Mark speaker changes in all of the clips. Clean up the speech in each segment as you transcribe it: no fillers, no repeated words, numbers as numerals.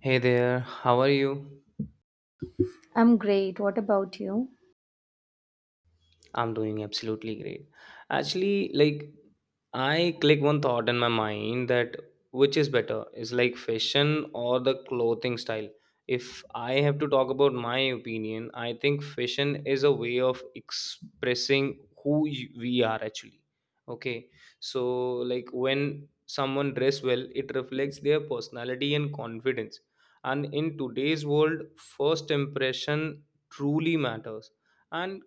Speaker 1: Hey there, how are you?
Speaker 2: I'm great. What about you?
Speaker 1: I'm doing absolutely great. Actually, like, I click one thought in my mind that which is better is like fashion or the clothing style. If I have to talk about my opinion, I think fashion is a way of expressing who we are actually. Okay, so like when someone dress well, it reflects their personality and confidence. And in today's world, first impression truly matters, and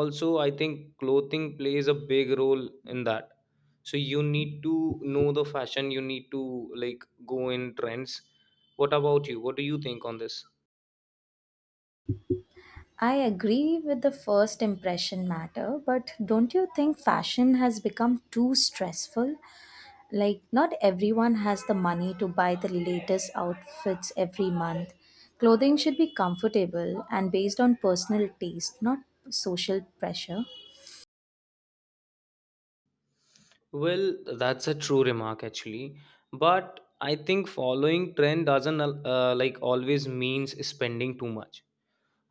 Speaker 1: also I think clothing plays a big role in that. So you need to know the fashion, you need to like go in trends. What about you, what do you think on this?
Speaker 2: I agree with the first impression matter, but don't you think fashion has become too stressful? Like, not everyone has the money to buy the latest outfits every month. Clothing should be comfortable and based on personal taste, not social pressure.
Speaker 1: Well, that's a true remark actually, but I think following trend doesn't like always means spending too much.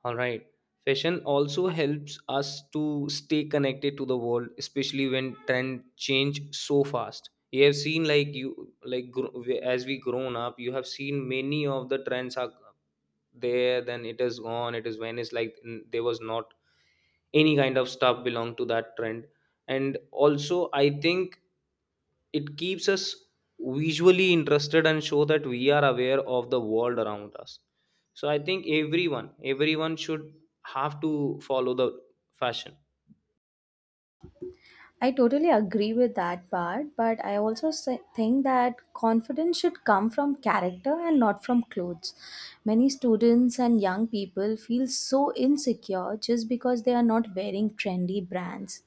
Speaker 1: All right. Fashion also helps us to stay connected to the world, especially when trend change so fast. You have seen, like, you as we grown up, you have seen many of the trends are there. Then it is gone. It is when it's like there was not any kind of stuff belong to that trend. And also I think it keeps us visually interested and show that we are aware of the world around us. So I think everyone should have to follow the fashion.
Speaker 2: I totally agree with that part, but I also think that confidence should come from character and not from clothes. Many students and young people feel so insecure just because they are not wearing trendy brands.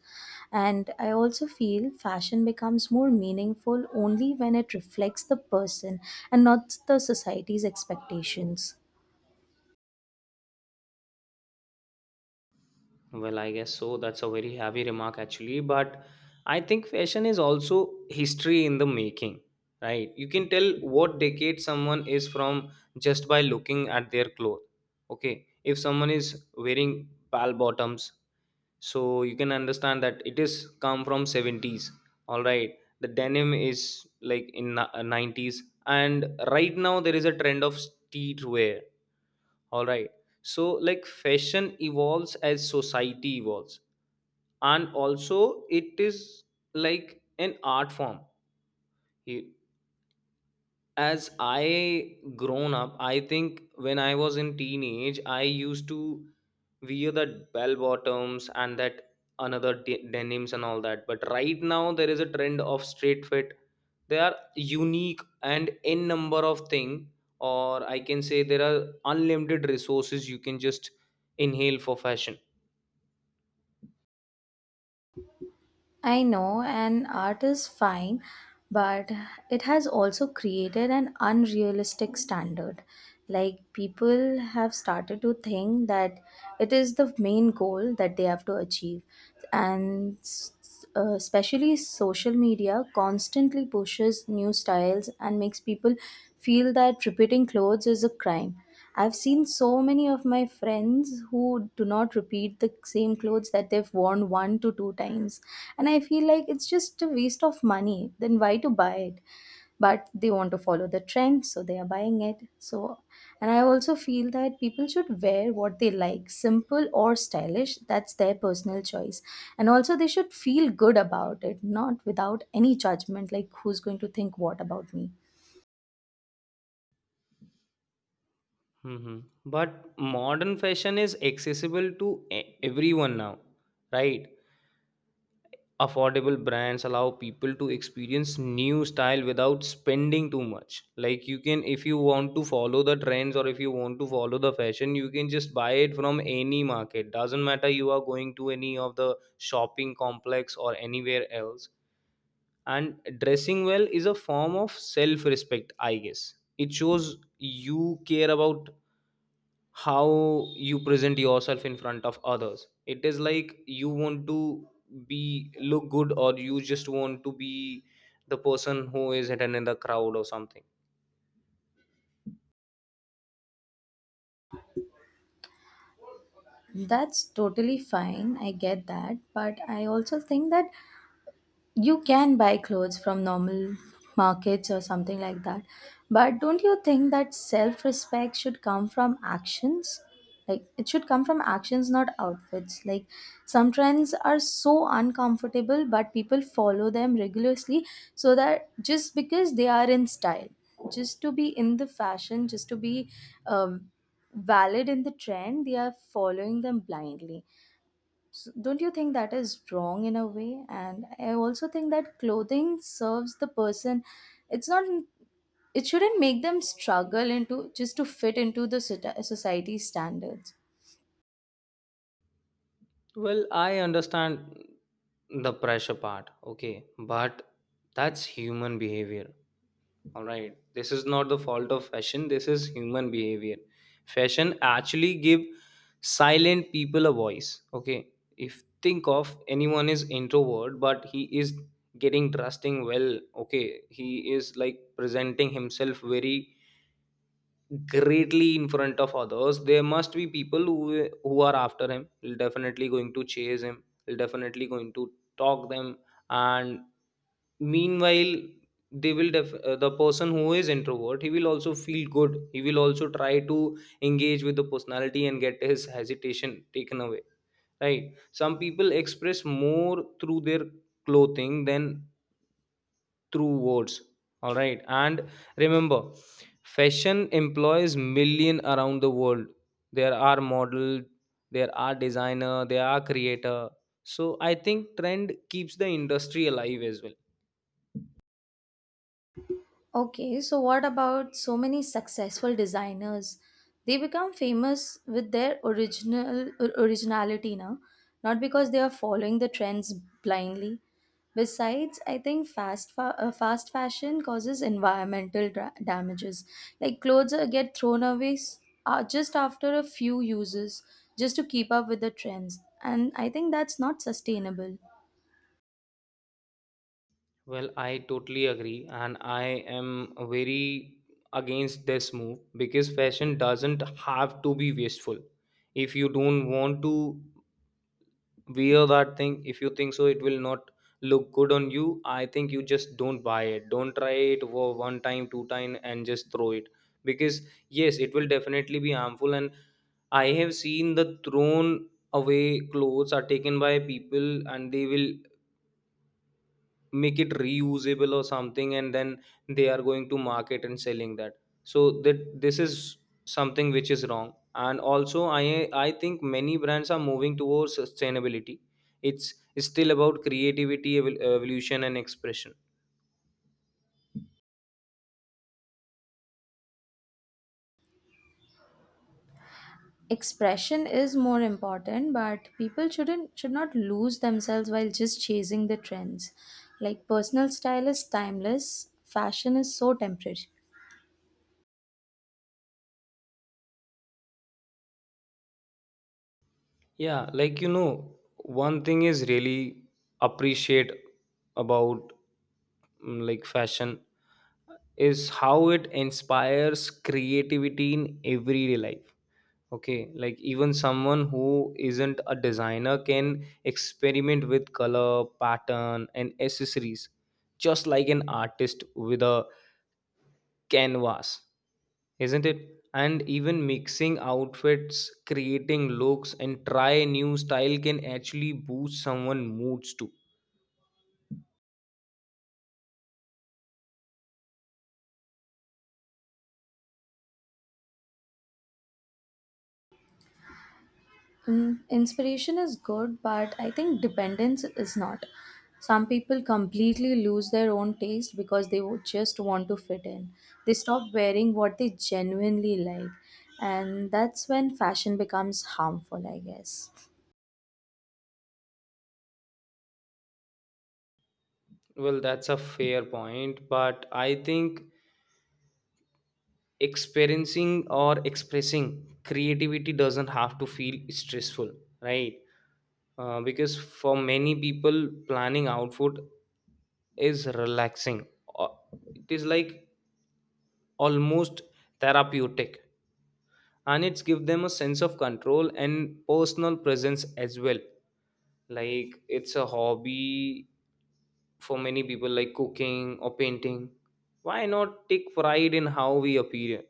Speaker 2: And I also feel fashion becomes more meaningful only when it reflects the person and not the society's expectations.
Speaker 1: Well, I guess so. That's a very heavy remark, actually. But I think fashion is also history in the making, right? You can tell what decade someone is from just by looking at their clothes. Okay. If someone is wearing pal bottoms, so you can understand that it is come from 70s. All right. The denim is like in 90s. And right now, there is a trend of streetwear. All right. So, like, fashion evolves as society evolves, and also it is like an art form. You- as I grown up, I think when I was in teenage I used to wear that bell bottoms and that another denims and all that. But right now there is a trend of straight fit. They are unique and n number of thing, or I can say there are unlimited resources you can just inhale for fashion.
Speaker 2: I know an art is fine, but it has also created an unrealistic standard. Like people have started to think that it is the main goal that they have to achieve, and especially social media constantly pushes new styles and makes people feel that repeating clothes is a crime. I've seen so many of my friends who do not repeat the same clothes that they've worn one to two times. And I feel like it's just a waste of money. Then why to buy it? But they want to follow the trend, so they are buying it. So, and I also feel that people should wear what they like, simple or stylish. That's their personal choice. And also, they should feel good about it, not without any judgment like who's going to think what about me.
Speaker 1: Mhm. But modern fashion is accessible to everyone now, right? Affordable brands allow people to experience new style without spending too much. Like you can, if you want to follow the trends or if you want to follow the fashion, you can just buy it from any market. Doesn't matter you are going to any of the shopping complex or anywhere else. And dressing well is a form of self respect, I guess. It shows you care about how you present yourself in front of others. It is like you want to be look good, or you just want to be the person who is hidden in the crowd or something.
Speaker 2: That's totally fine. I get that. But I also think that you can buy clothes from normal markets or something like that, but don't you think that self respect should come from actions? Like it should come from actions, not outfits. Like some trends are so uncomfortable, but people follow them rigorously, so that just because they are in style, just to be in the fashion, just to be um, valid in the trend, they are following them blindly. So don't you think that is wrong in a way? And I also think that clothing serves the person. It's not. It shouldn't make them struggle into just to fit into the society standards.
Speaker 1: Well, I understand the pressure part, okay, but that's human behavior. All right. This is not the fault of fashion. This is human behavior. Fashion actually give silent people a voice. Okay. If think of anyone is introvert but he is getting trusting. Well. Okay. He is like presenting himself very greatly in front of others. There must be people who are after him, will definitely going to chase him, will definitely going to talk them. And meanwhile they will the person who is introvert he will also feel good, he will also try to engage with the personality and get his hesitation taken away, right? Some people express more through their clothing than through words, all right. And remember, fashion employs million around the world. There are model, there are designer, there are creator. So I think trend keeps the industry alive as well.
Speaker 2: Okay, so what about so many successful designers? They become famous with their originality now, not because they are following the trends blindly. Besides, I think fast fashion causes environmental damages. Like clothes get thrown away just after a few uses just to keep up with the trends, and I think that's not sustainable.
Speaker 1: Well, I totally agree, and I am very against this move, because fashion doesn't have to be wasteful. If you don't want to wear that thing, if you think so it will not look good on you, I think you just don't buy it. Don't try it for one time two time and just throw it. Because yes, it will definitely be harmful. And I have seen the thrown away clothes are taken by people and they will make it reusable or something, and then they are going to market and selling that. So that this is something which is wrong. And also I think many brands are moving towards sustainability. It's still about creativity evolution and expression.
Speaker 2: Expression is more important, but people should not lose themselves while just chasing the trends. Like personal style is timeless, fashion is so temporary.
Speaker 1: Yeah, like one thing is really appreciate about like fashion is how it inspires creativity in everyday life. Okay, like even someone who isn't a designer can experiment with color, pattern, and accessories just like an artist with a canvas, isn't it? And even mixing outfits, creating looks and try new style can actually boost someone moods too.
Speaker 2: Mm, inspiration is good, but I think dependence is not. Some people completely lose their own taste because they would just want to fit in. They stop wearing what they genuinely like, and that's when fashion becomes harmful, I guess.
Speaker 1: Well, that's a fair point, but I think experiencing or expressing creativity doesn't have to feel stressful, right? Because for many people, planning outfit is relaxing. Uh, it is like almost therapeutic, and it's give them a sense of control and personal presence as well, like it's a hobby for many people like cooking or painting. Why not take pride in how we appear,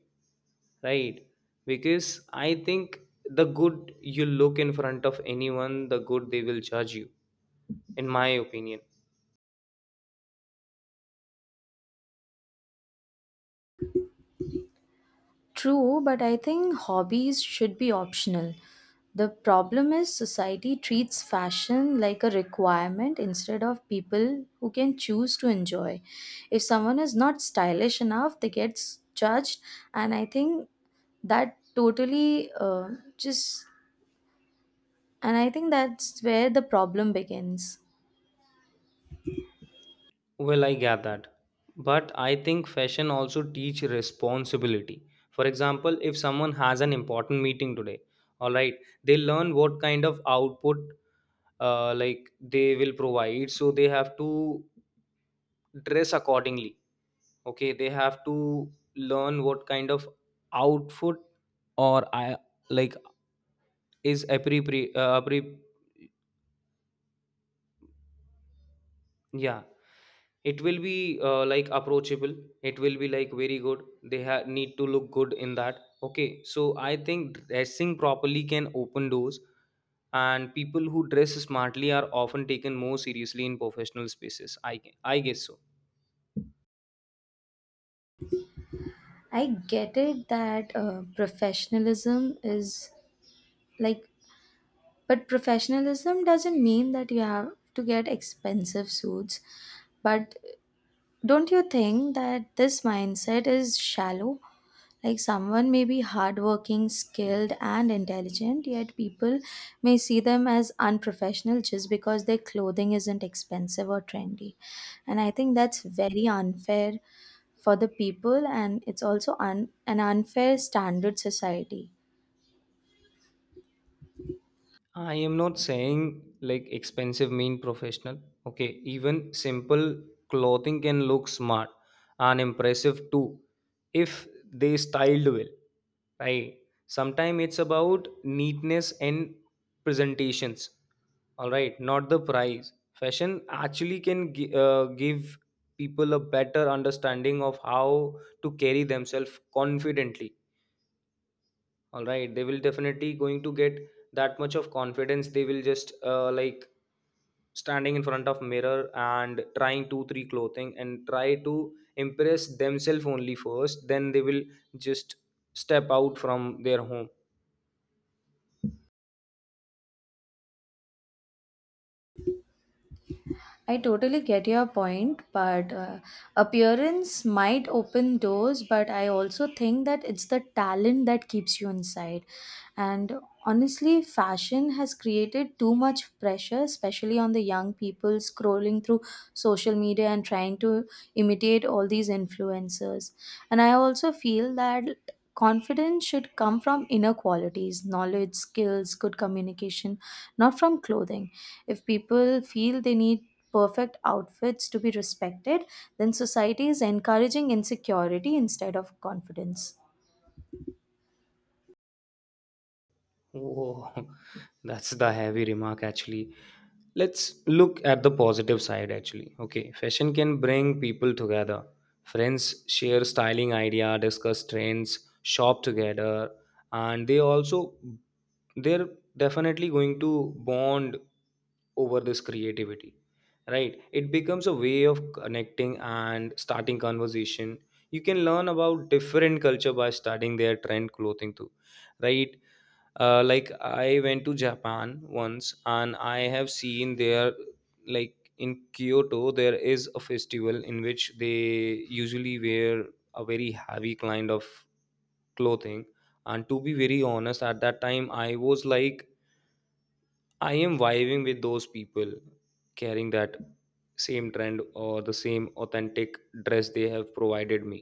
Speaker 1: right? Because I think the good you look in front of anyone, the good they will judge you, in my opinion.
Speaker 2: True, but I think hobbies should be optional. The problem is society treats fashion like a requirement instead of people who can choose to enjoy. If someone is not stylish enough, they get judged, and I think that totally just and I think that's where the problem begins.
Speaker 1: Well, I get that. But I think fashion also teach responsibility. For example, if someone has an important meeting today, all right, they learn what kind of output like they will provide. So they have to dress accordingly. Okay, they have to learn what kind of outfit or I like is appropriate. Yeah, it will be like approachable, it will be like very good. They need to look good in that. Okay, so I think dressing properly can open doors, and people who dress smartly are often taken more seriously in professional spaces, I guess so.
Speaker 2: I get it that professionalism is like. But professionalism doesn't mean that you have to get expensive suits. But don't you think that this mindset is shallow? Like someone may be hardworking, skilled, and intelligent, yet people may see them as unprofessional just because their clothing isn't expensive or trendy. And I think that's very unfair for the people, and it's also an unfair standard society.
Speaker 1: I am not saying like expensive mean professional. Okay, even simple clothing can look smart and impressive too if they styled well, right? Sometimes it's about neatness and presentations, all right, not the price. Fashion actually can give people a better understanding of how to carry themselves confidently, all right. They will definitely going to get that much of confidence. They will just like standing in front of mirror and trying two three clothing and try to impress themselves only first, then they will just step out from their home.
Speaker 2: I totally get your point, but appearance might open doors, but I also think that it's the talent that keeps you inside. And honestly, fashion has created too much pressure, especially on the young people scrolling through social media and trying to imitate all these influencers. And I also feel that confidence should come from inner qualities, knowledge, skills, good communication, not from clothing. If people feel they need perfect outfits to be respected, then society is encouraging insecurity instead of confidence.
Speaker 1: Oh, that's the heavy remark actually. Let's look at the positive side actually. Okay, fashion can bring people together. Friends share styling idea, discuss trends, shop together, and they're definitely going to bond over this creativity. Right? It becomes a way of connecting and starting conversation. You can learn about different culture by studying their trend clothing too, right? Like I went to Japan once, and I have seen there, like in Kyoto there is a festival in which they usually wear a very heavy kind of clothing. And to be very honest, at that time I was like I am vibing with those people, carrying that same trend or the same authentic dress they have provided me,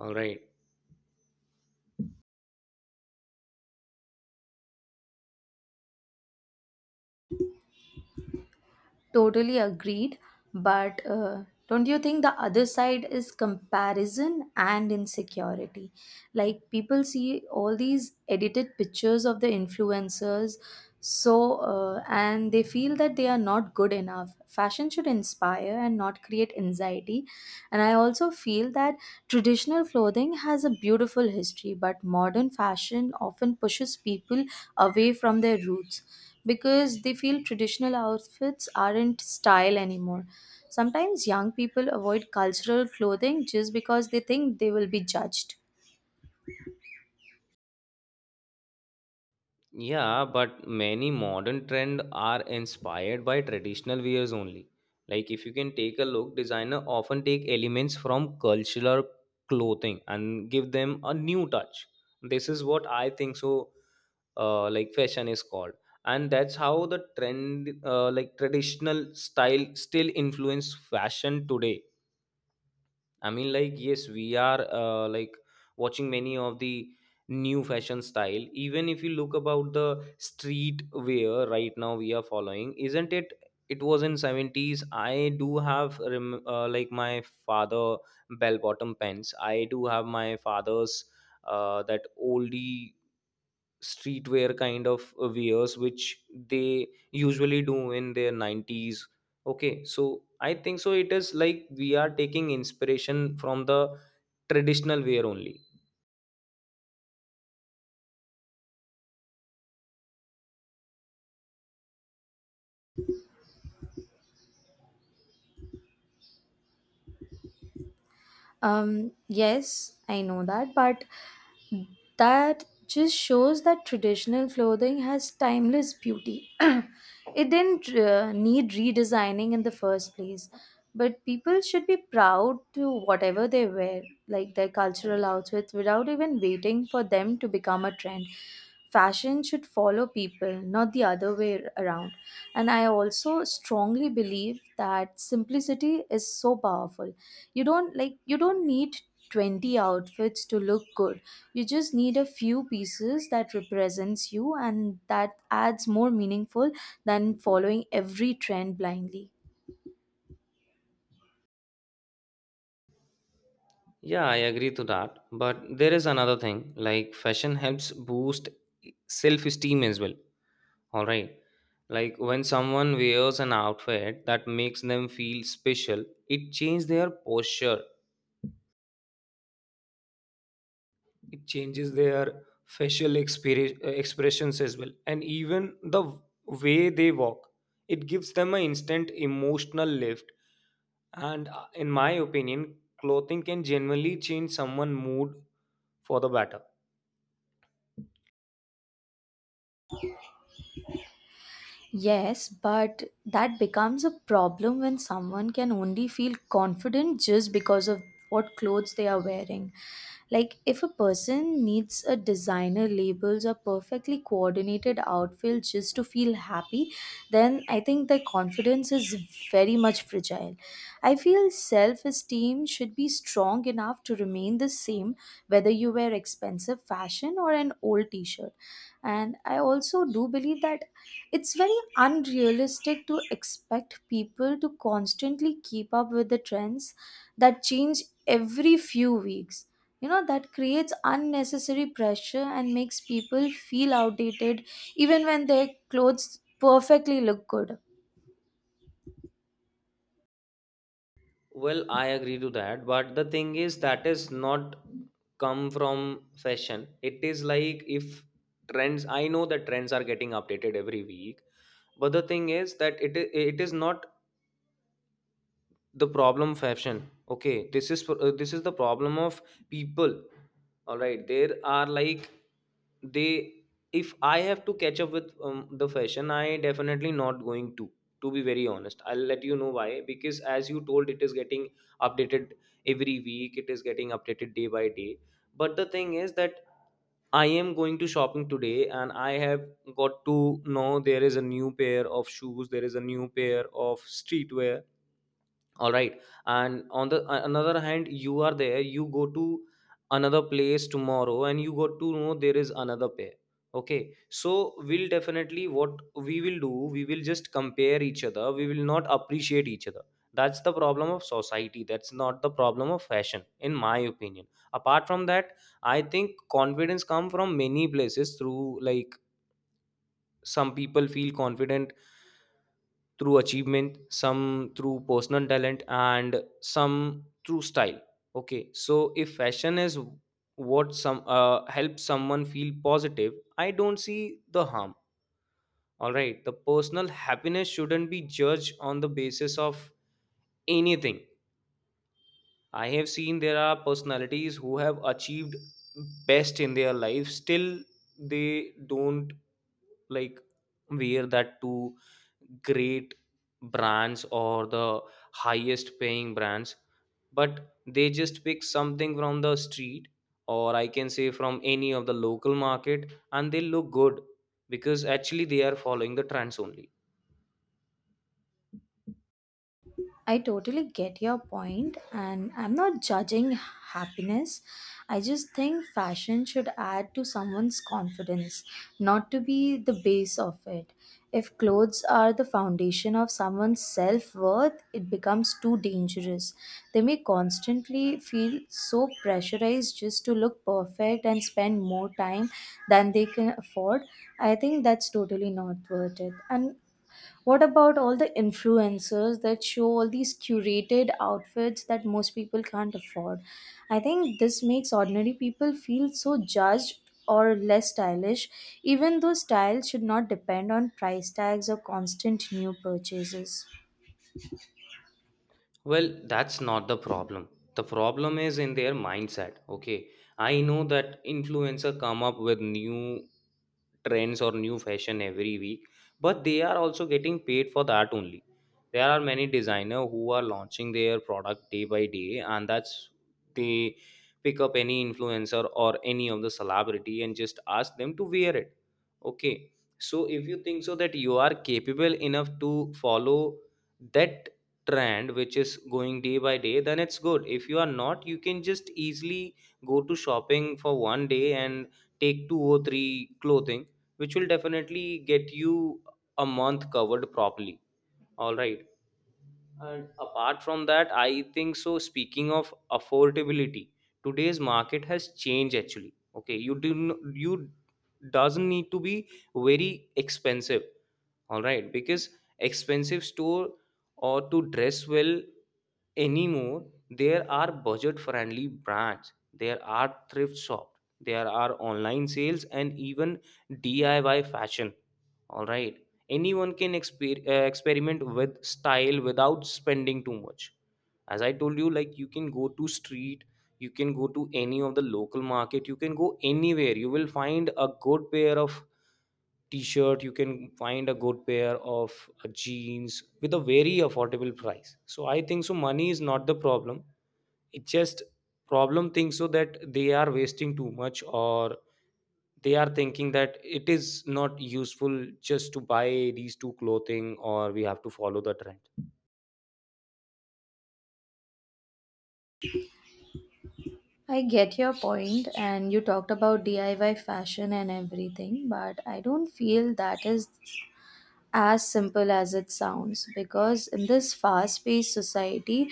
Speaker 1: all right.
Speaker 2: Totally agreed. But don't you think the other side is comparison and insecurity? Like people see all these edited pictures of the influencers, so and they feel that they are not good enough. Fashion should inspire and not create anxiety. And I also feel that traditional clothing has a beautiful history, but modern fashion often pushes people away from their roots because they feel traditional outfits aren't style anymore. Sometimes young people avoid cultural clothing just because they think they will be judged.
Speaker 1: Yeah, but many modern trends are inspired by traditional wears only. Like if you can take a look, designer often take elements from cultural clothing and give them a new touch. This is what I think so, like fashion is called. And that's how the trend like traditional style still influence fashion today. I mean, like, yes, we are like watching many of the new fashion style. Even if you look about the street wear right now, we are following, isn't it? It was in 70s. I do have like my father bell bottom pants. I do have my father's that oldie streetwear kind of wears which they usually do in their 90s. Okay, so I think so it is like we are taking inspiration from the traditional wear only.
Speaker 2: Yes, I know that, but that just shows that traditional clothing has timeless beauty. It didn't need redesigning in the first place, but people should be proud to whatever they wear, like their cultural outfits, without even waiting for them to become a trend. Fashion should follow people, not the other way around. And I also strongly believe that simplicity is so powerful. You don't need 20 outfits to look good. You just need a few pieces that represents you and that adds more meaningful than following every trend blindly.
Speaker 1: Yeah, I agree to that, but there is another thing, like fashion helps boost self esteem as well, all right. Like when someone wears an outfit that makes them feel special, it changes their posture, it changes their facial expressions as well, and even the way they walk. It gives them an instant emotional lift. And in my opinion clothing can genuinely change someone's mood for the better.
Speaker 2: Yes, but that becomes a problem when someone can only feel confident just because of what clothes they are wearing. Like, if a person needs a designer labels or perfectly coordinated outfit just to feel happy, then I think their confidence is very much fragile. I feel self esteem should be strong enough to remain the same whether you wear expensive fashion or an old t shirt, and I also do believe that it's very unrealistic to expect people to constantly keep up with the trends that change every few weeks. You know that creates unnecessary pressure and makes people feel outdated even when their clothes perfectly look good.
Speaker 1: Well, I agree to that, but the thing is that is not come from fashion. It is like if trends, I know that trends are getting updated every week, but the thing is that it is not the problem fashion. Okay, this is the problem of people. All right, there are like they, if I have to catch up with the fashion, I definitely not going to. To be very honest, I'll let you know why, because as you told, it is getting updated every week, it is getting updated day by day. But the thing is that I am going to shopping today and I have got to know there is a new pair of shoes, there is a new pair of streetwear. All right. And on the another hand, you are there, you go to another place tomorrow and you got to know there is another pair. Okay. So we'll definitely, what we will do, we will just compare each other, we will not appreciate each other. That's the problem of society, that's not the problem of fashion, in my opinion. Apart from that, I think confidence come from many places, through like some people feel confident through achievement, some through personal talent, and some through style. Okay, so if fashion is what some helps someone feel positive, I don't see the harm. All right, the personal happiness shouldn't be judged on the basis of anything. I have seen there are personalities who have achieved best in their life, still they don't like wear that to great brands or the highest paying brands, but they just pick something from the street, or I can say from any of the local market, and they look good because actually they are following the trends only.
Speaker 2: I totally get your point, and I'm not judging happiness. I just think fashion should add to someone's confidence, not to be the base of it. If clothes are the foundation of someone's self worth, it becomes too dangerous. They may constantly feel so pressurized just to look perfect and spend more time than they can afford. I think that's totally not worth it. And what about all the influencers that show all these curated outfits that most people can't afford? I think this makes ordinary people feel so judged or less stylish, even though style should not depend on price tags or constant new purchases.
Speaker 1: Well, that's not the problem. The problem is in their mindset. Okay. I know that influencer come up with new trends or new fashion every week, but they are also getting paid for that only. There are many designers who are launching their product day by day, and that's they pick up any influencer or any of the celebrity and just ask them to wear it. Okay. So if you think so that you are capable enough to follow that trend which is going day by day, then it's good. If you are not, you can just easily go to shopping for one day and take two or three clothing which will definitely get you a month covered properly. All right. And apart from that, I think so. Speaking of affordability, today's market has changed actually. Okay, you you doesn't need to be very expensive. All right, because expensive store or to dress well anymore, there are budget friendly brands, there are thrift shops, there are online sales, and even DIY fashion. All right, anyone can experiment with style without spending too much. As I told you, like, you can go to street, you can go to any of the local market, you can go anywhere, you will find a good pair of t-shirt, you can find a good pair of jeans with a very affordable price. So I think so money is not the problem. It just problem thinks so that they are wasting too much, or they are thinking that it is not useful just to buy these two clothing or we have to follow the trend.
Speaker 2: I get your point, and you talked about DIY fashion and everything, but I don't feel that is as simple as it sounds, because in this fast paced society,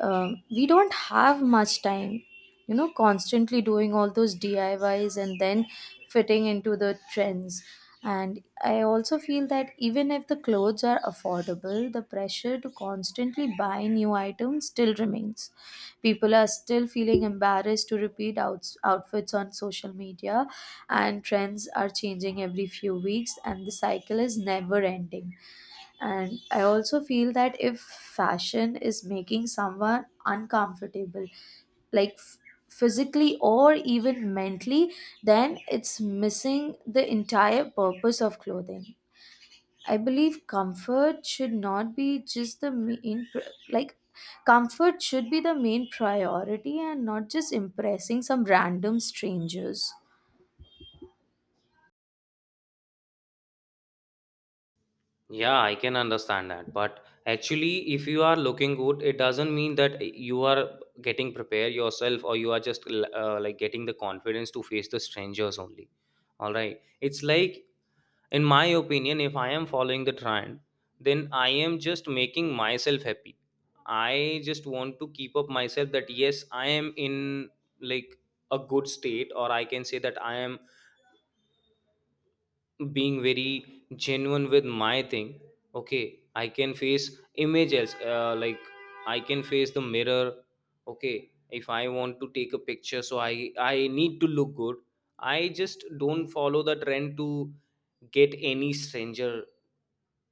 Speaker 2: we don't have much time, you know, constantly doing all those diys and then fitting into the trends. And I also feel that even if the clothes are affordable, the pressure to constantly buy new items still remains. People are still feeling embarrassed to repeat outs outfits on social media, and trends are changing every few weeks, and the cycle is never ending. And I also feel that if fashion is making someone uncomfortable, like physically or even mentally, then it's missing the entire purpose of clothing. I believe comfort should not be just the like, comfort should be the main priority and not just impressing some random strangers.
Speaker 1: Yeah, I can understand that. But actually, if you are looking good, it doesn't mean that you are getting prepared yourself, or you are just like getting the confidence to face the strangers only. All right. It's like, in my opinion, if I am following the trend, then I am just making myself happy. I just want to keep up myself that yes, I am in, like, a good state, or I can say that I am being very genuine with my thing. Okay, I can face images, like I can face the mirror. Okay, if I want to take a picture, so I need to look good. I just don't follow the trend to get any stranger,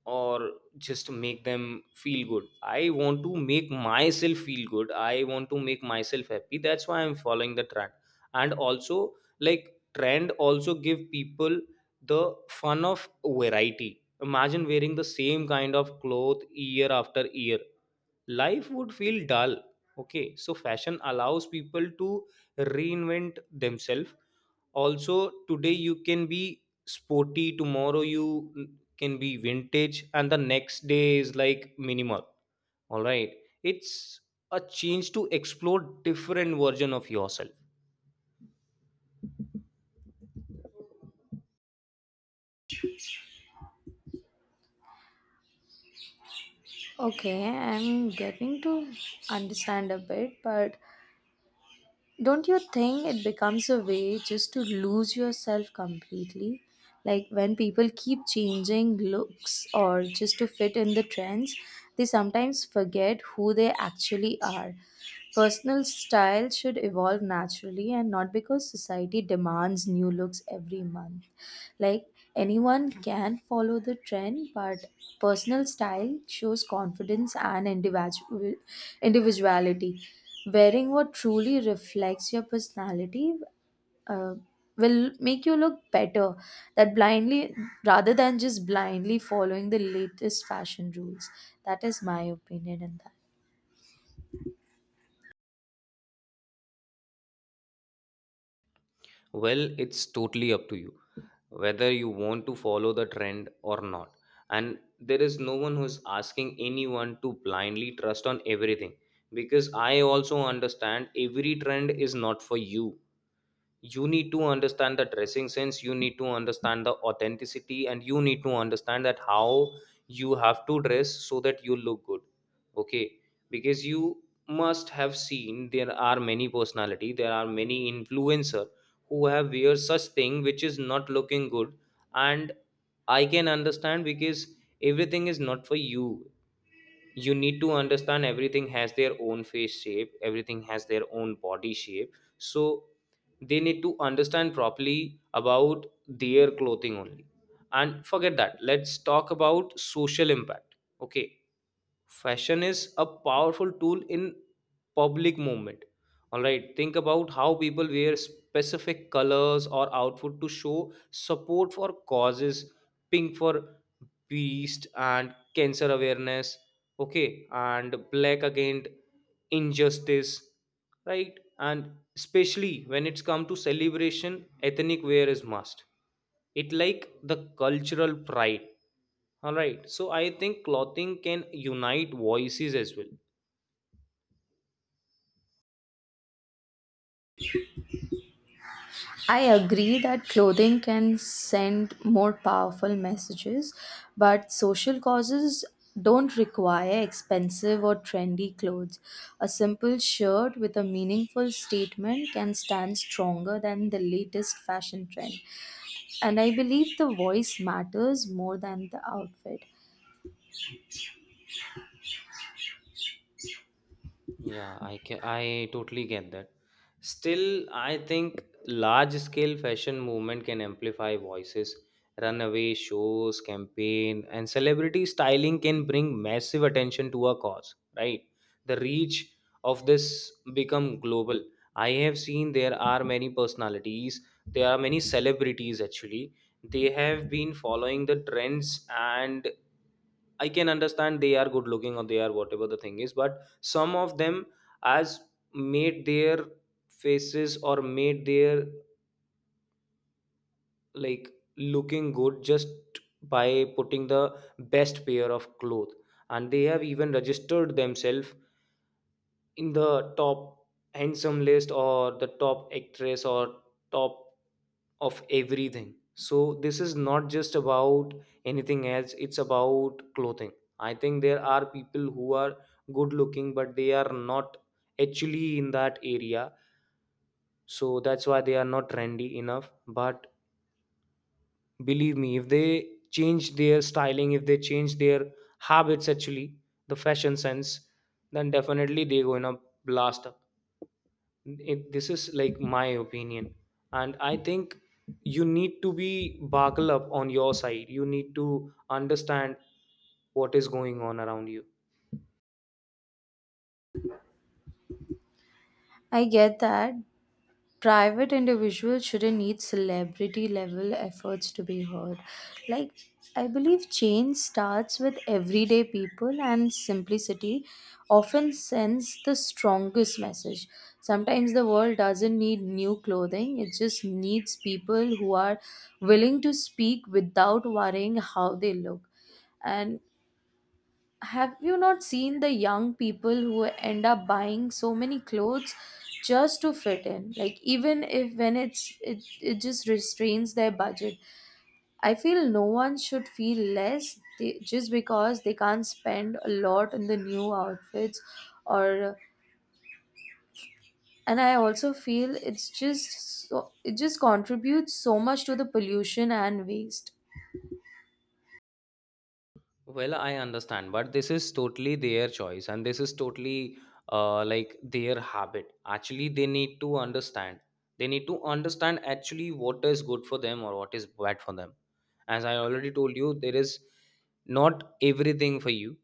Speaker 1: or just make them feel good. I want to make myself feel good, I want to make myself happy, that's why I'm following the trend. And also, like, trend also give people the fun of variety. Imagine wearing the same kind of cloth year after year, life would feel dull. Okay, so fashion allows people to reinvent themselves. Also today you can be sporty, tomorrow you can be vintage, and the next day is like minimal. All right, it's a change to explore different version of yourself.
Speaker 2: Okay, I'm getting to understand a bit, but don't you think it becomes a way just to lose yourself completely? Like when people keep changing looks or just to fit in the trends, they sometimes forget who they actually are. Personal style should evolve naturally and not because society demands new looks every month. Like anyone can follow the trend, but personal style shows confidence and individuality. Wearing what truly reflects your personality uh, will make you look better that blindly rather than just blindly following the latest fashion rules. That is my opinion in that.
Speaker 1: Well, it's totally up to you whether you want to follow the trend or not. And there is no one who's asking anyone to blindly trust on everything, because I also understand every trend is not for you. You need to understand the dressing sense, you need to understand the authenticity, and you need to understand that how you have to dress so that you look good. Okay, because you must have seen there are many personality, there are many influencer who have wear such thing which is not looking good. And I can understand because everything is not for you. You need to understand, everything has their own face shape, everything has their own body shape. So they need to understand properly about their clothing only. And forget that, let's talk about social impact. Okay, fashion is a powerful tool in public movement. All right, think about how people wear specific colors or outfit to show support for causes. Pink for beast and cancer awareness. Okay, and black against injustice, right. And especially when it's come to celebration, ethnic wear is must. It like the cultural pride. All right. So I think clothing can unite voices as well.
Speaker 2: I agree that clothing can send more powerful messages, but social causes don't require expensive or trendy clothes. A simple shirt with a meaningful statement can stand stronger than the latest fashion trend. And I believe the voice matters more than the outfit.
Speaker 1: Yeah, I can, I totally get that. Still, I think large scale fashion movement can amplify voices. Runaway shows, campaign, and celebrity styling can bring massive attention to a cause, right? The reach of this become global. I have seen there are many personalities, there are many celebrities actually. They have been following the trends, and I can understand they are good looking or they are whatever the thing is, but some of them has made their faces or made their, like, looking good just by putting the best pair of clothes, and they have even registered themselves in the top handsome list, or the top actress, or top of everything. So this is not just about anything else, it's about clothing. I think there are people who are good looking but they are not actually in that area, so that's why they are not trendy enough. But believe me, if they change their styling, if they change their habits actually, the fashion sense, then definitely they're gonna blast up it. This is like my opinion. And I think you need to be buckle up on your side, you need to understand what is going on around you.
Speaker 2: I get that private individuals shouldn't need celebrity level efforts to be heard. Like, I believe change starts with everyday people, and simplicity often sends the strongest message. Sometimes the world doesn't need new clothing, it just needs people who are willing to speak without worrying how they look. And have you not seen the young people who end up buying so many clothes just to fit in? Like, even if when it's it, it just restrains their budget. I feel no one should feel less just because they can't spend a lot on the new outfits. Or and I also feel it just contributes so much to the pollution and waste.
Speaker 1: Well, I understand, but this is totally their choice, and this is totally like their habit. Actually, they need to understand. They need to understand actually what is good for them or what is bad for them. As I already told you, there is not everything for you.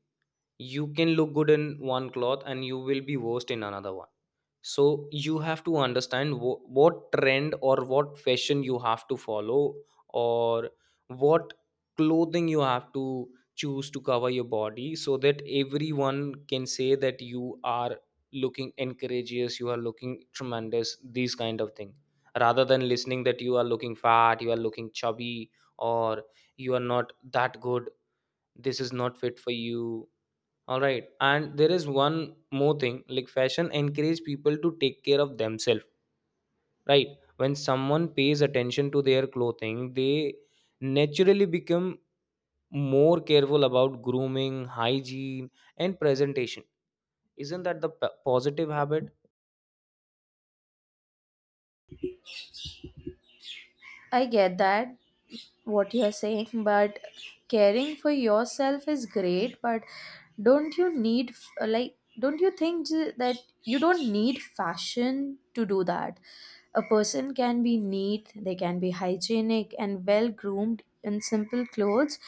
Speaker 1: You can look good in one cloth and you will be worst in another one. So you have to understand what trend or what fashion you have to follow, or what clothing you have to choose to cover your body, so that everyone can say that you are looking encourageous, you are looking tremendous, these kind of thing, rather than listening that you are looking fat, you are looking chubby, or you are not that good, this is not fit for you. All right. And there is one more thing, like fashion encourage people to take care of themselves, right? When someone pays attention to their clothing, they naturally become more careful about grooming, hygiene, and presentation. Isn't that the positive habit?
Speaker 2: I get that what you're saying, but caring for yourself is great. But don't you need f- like don't you think that you don't need fashion to do that? A person can be neat, they can be hygienic and well groomed in simple clothes,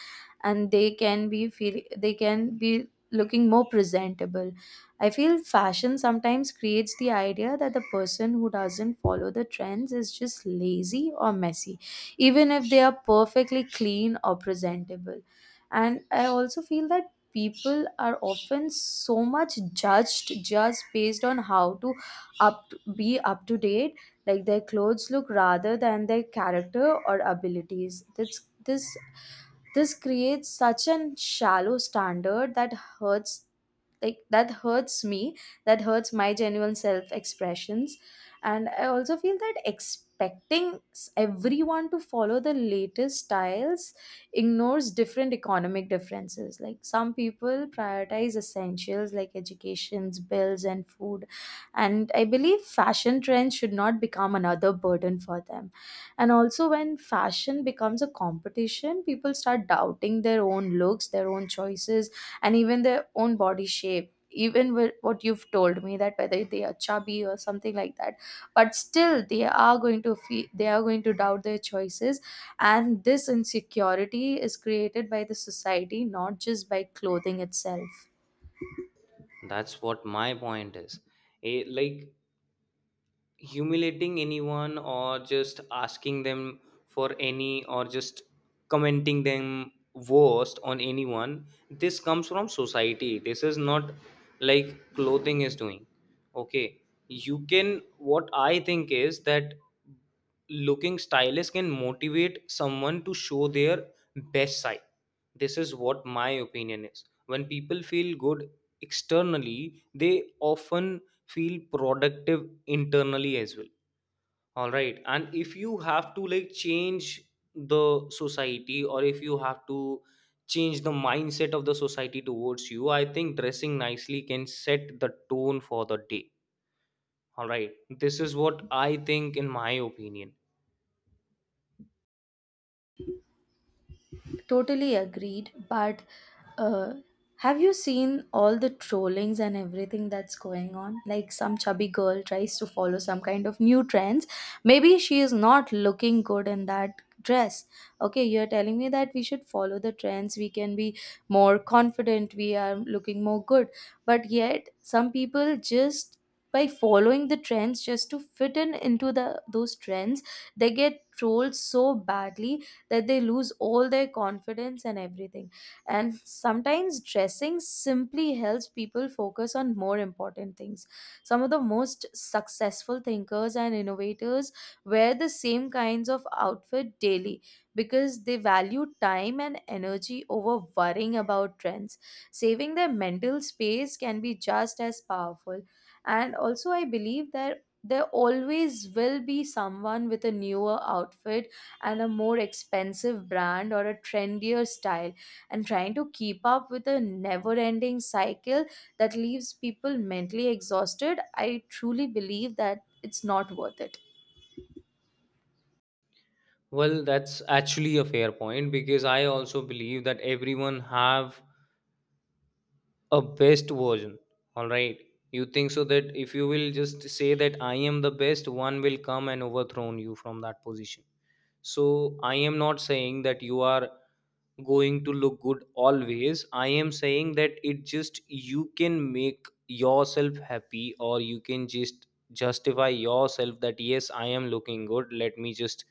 Speaker 2: and they can be looking more presentable. I feel fashion sometimes creates the idea that the person who doesn't follow the trends is just lazy or messy, even if they are perfectly clean or presentable. And I also feel that people are often so much judged just based on how to up be up to date like their clothes look, rather than their character or abilities. This creates such an shallow standard that hurts. Like, that hurts me. That hurts my genuine self expressions. And I also feel that expecting everyone to follow the latest styles ignores different economic differences. Like, some people prioritize essentials like educations, bills and food, and I believe fashion trends should not become another burden for them. And also, when fashion becomes a competition, people start doubting their own looks, their own choices, and even their own body shape, even with what you've told me, that whether they are chubby or something like that. But still, they are going to feel, they are going to doubt their choices. And this insecurity is created by the society, not just by clothing itself.
Speaker 1: That's what my point is. Eh, like Humiliating anyone or just asking them for any or just commenting them worst on anyone, this comes from society. This is not like clothing is doing. Okay, you can, what I think is that looking stylish can motivate someone to show their best side. This is what my opinion is. When people feel good externally, they often feel productive internally as well. All right, and if you have to like change the society or if you have to change the mindset of the society towards you, I think dressing nicely can set the tone for the day. All right, this is what I think in my opinion.
Speaker 2: Totally agreed. But uh, have you seen all the trollings and everything that's going on? Like, some chubby girl tries to follow some kind of new trends. Maybe she is not looking good in that dress. Okay, you're telling me that we should follow the trends. We can be more confident. We are looking more good. But yet, some people, just by following the trends just to fit in into the those trends, they get trolled so badly that they lose all their confidence and everything. And sometimes dressing simply helps people focus on more important things. Some of the most successful thinkers and innovators wear the same kinds of outfit daily, because they value time and energy over worrying about trends. Saving their mental space can be just as powerful. And also, I believe that there always will be someone with a newer outfit and a more expensive brand or a trendier style, and trying to keep up with a never ending cycle that leaves people mentally exhausted. I truly believe that it's not worth it.
Speaker 1: Well, that's actually a fair point, because I also believe that everyone have a best version. All right, you think so that if you will just say that I am the best, one will come and overthrow you from that position. So I am not saying that you are going to look good always. I am saying that it just, you can make yourself happy or you can just justify yourself that yes, I am looking good, let me just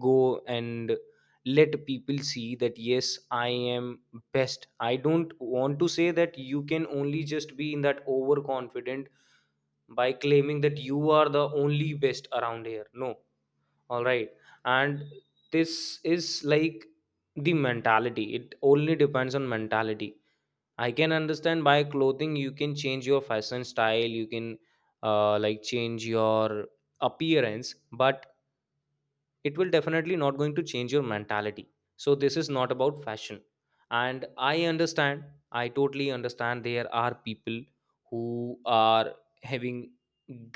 Speaker 1: go and let people see that yes, I am best. I don't want to say that you can only just be in that overconfident by claiming that you are the only best around here. No, all right. And this is like the mentality. It only depends on mentality. I can understand by clothing you can change your fashion style, you can like change your appearance, but it will definitely not going to change your mentality. So this is not about fashion. And I understand, I totally understand, there are people who are having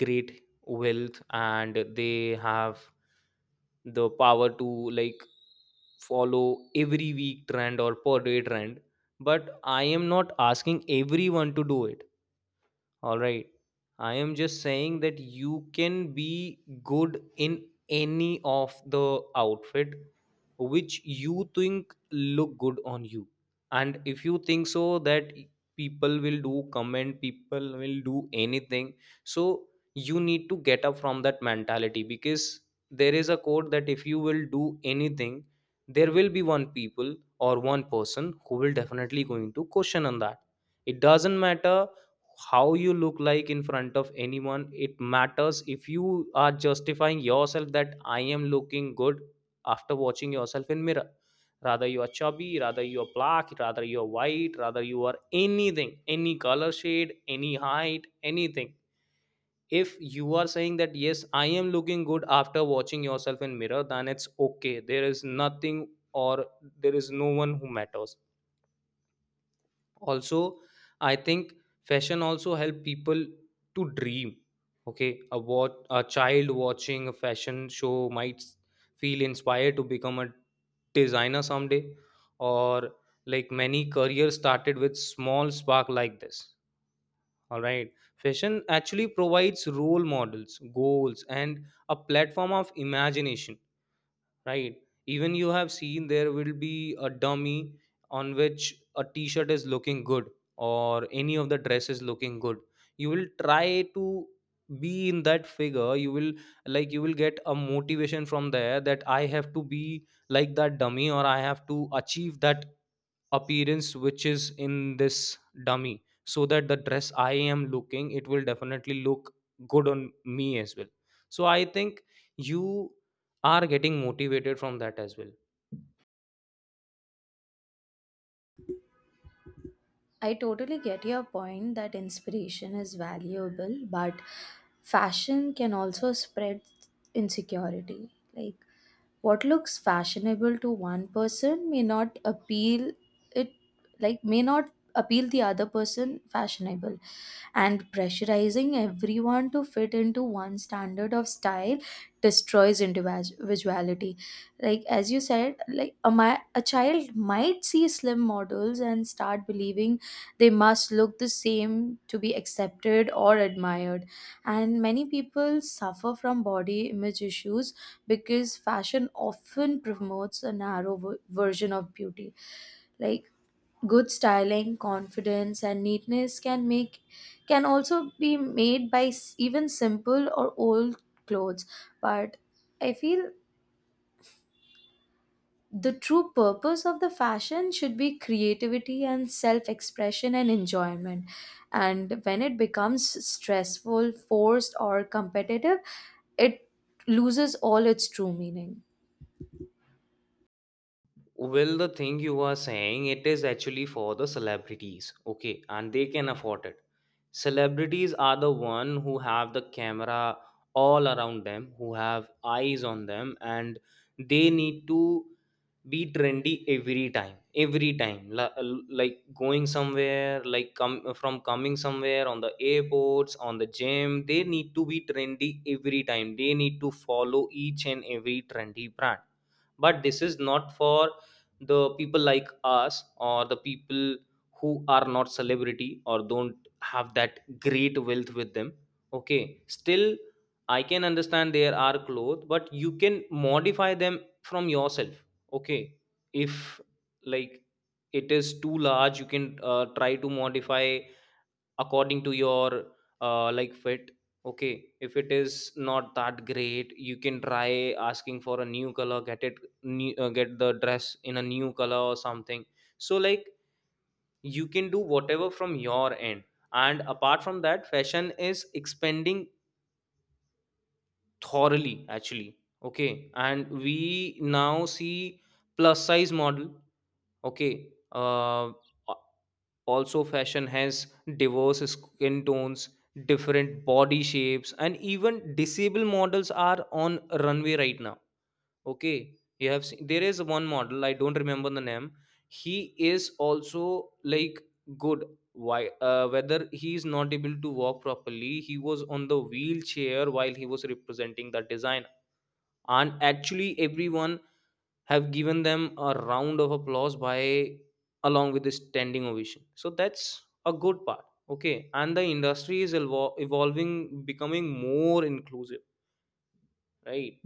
Speaker 1: great wealth and they have the power to like follow every week trend or per day trend, but I am not asking everyone to do it. All right. I am just saying that you can be good in any of the outfit which you think look good on you. And if you think so that people will do comment, people will do anything. So you need to get up from that mentality, because there is a quote that if you will do anything, there will be one people or one person who will definitely going to question on that. It doesn't matter how you look like in front of anyone. It matters if you are justifying yourself that I am looking good after watching yourself in mirror. Rather you are chubby, rather you are black, rather you are white, rather you are anything, any color shade, any height, anything. If you are saying that yes, I am looking good after watching yourself in mirror, then it's okay. There is nothing, or there is no one who matters. Also, I think fashion also help people to dream. Okay, a what a child watching a fashion show might feel inspired to become a designer someday, or like many careers started with small spark like this. All right, fashion actually provides role models, goals and a platform of imagination. Right. Even you have seen, there will be a dummy on which a t-shirt is looking good or any of the dress is looking good. You will try to be in that figure. You will, like you will get a motivation from there that I have to be like that dummy or I have to achieve that appearance which is in this dummy, so that the dress I am looking, it will definitely look good on me as well. So I think you are getting motivated from that as well.
Speaker 2: I totally get your point that inspiration is valuable, but fashion can also spread insecurity. Like, what looks fashionable to one person may not appeal it like may not appeal the other person fashionable. And pressurizing everyone to fit into one standard of style destroys individuality. Like, as you said, like a child might see slim models and start believing they must look the same to be accepted or admired. And many people suffer from body image issues because fashion often promotes a narrow version of beauty. Like, good styling, confidence and neatness can also be made by even simple or old clothes. But I feel the true purpose of the fashion should be creativity and self expression and enjoyment. And when it becomes stressful, forced or competitive, it loses all its true meaning.
Speaker 1: Well, the thing you are saying, it is actually for the celebrities, okay, and they can afford it. Celebrities are the one who have the camera all around them, who have eyes on them, and they need to be trendy every time. Every time like going somewhere, like come from coming somewhere, on the airports, on the gym, they need to be trendy every time, they need to follow each and every trendy brand. But this is not for the people like us, or the people who are not celebrity or don't have that great wealth with them. Okay, still, I can understand there are clothes, but you can modify them from yourself. Okay, if like it is too large, you can try to modify according to your like fit. Okay, if it is not that great, you can try asking for a new color, get it get the dress in a new color or something. So like you can do whatever from your end. And apart from that, fashion is expanding thoroughly actually. Okay, and we now see plus size model. Okay. Also, fashion has diverse skin tones, different body shapes, and even disabled models are on runway right now. Okay. You have seen, there is one model, I don't remember the name. He is also like good. Why? Whether he is not able to walk properly, he was on the wheelchair while he was representing that design, and actually everyone have given them a round of applause, by along with a standing ovation. So that's a good part. Okay, and the industry is evolving, becoming more inclusive, right?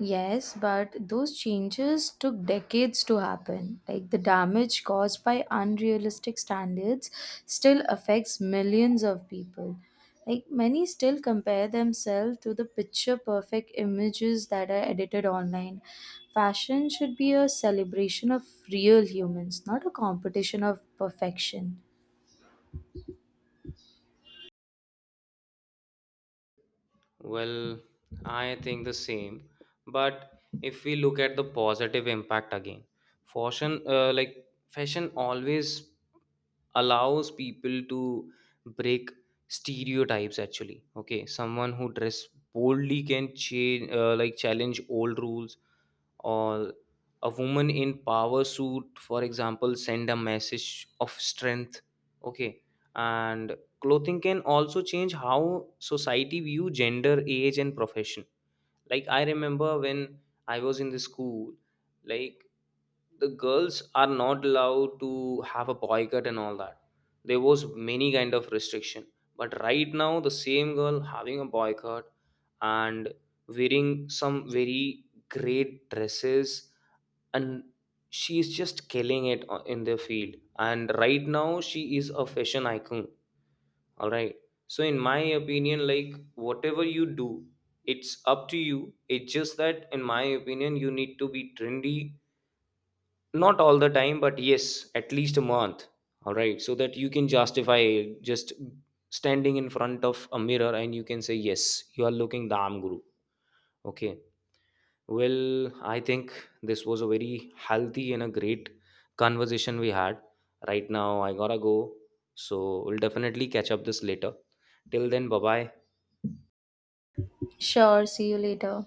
Speaker 2: Yes, but those changes took decades to happen. Like, the damage caused by unrealistic standards still affects millions of people. Like, many still compare themselves to the picture perfect images that are edited online. Fashion should be a celebration of real humans, not a competition of perfection.
Speaker 1: Well, I think the same, but if we look at the positive impact again, fashion, fashion always allows people to break stereotypes actually. Okay, someone who dress boldly can change, like challenge old rules, or a woman in power suit for example send a message of strength. Okay, and clothing can also change how society view gender, age and profession. Like I remember when I was in the school, like the girls are not allowed to have a boycott and all that, there was many kind of restriction. But right now the same girl having a boycott and wearing some very great dresses, and she is just killing it in the field, and right now she is a fashion icon. All right, so in my opinion, like whatever you do, it's up to you. It's just that in my opinion you need to be trendy, not all the time, but yes at least a month. All right, so that you can justify, just standing in front of a mirror and you can say yes, you are looking damn guru. Okay, well, I think this was a very healthy and a great conversation we had. Right now, I gotta go. So, we'll definitely catch up this later. Till then, bye bye.
Speaker 2: Sure, see you later.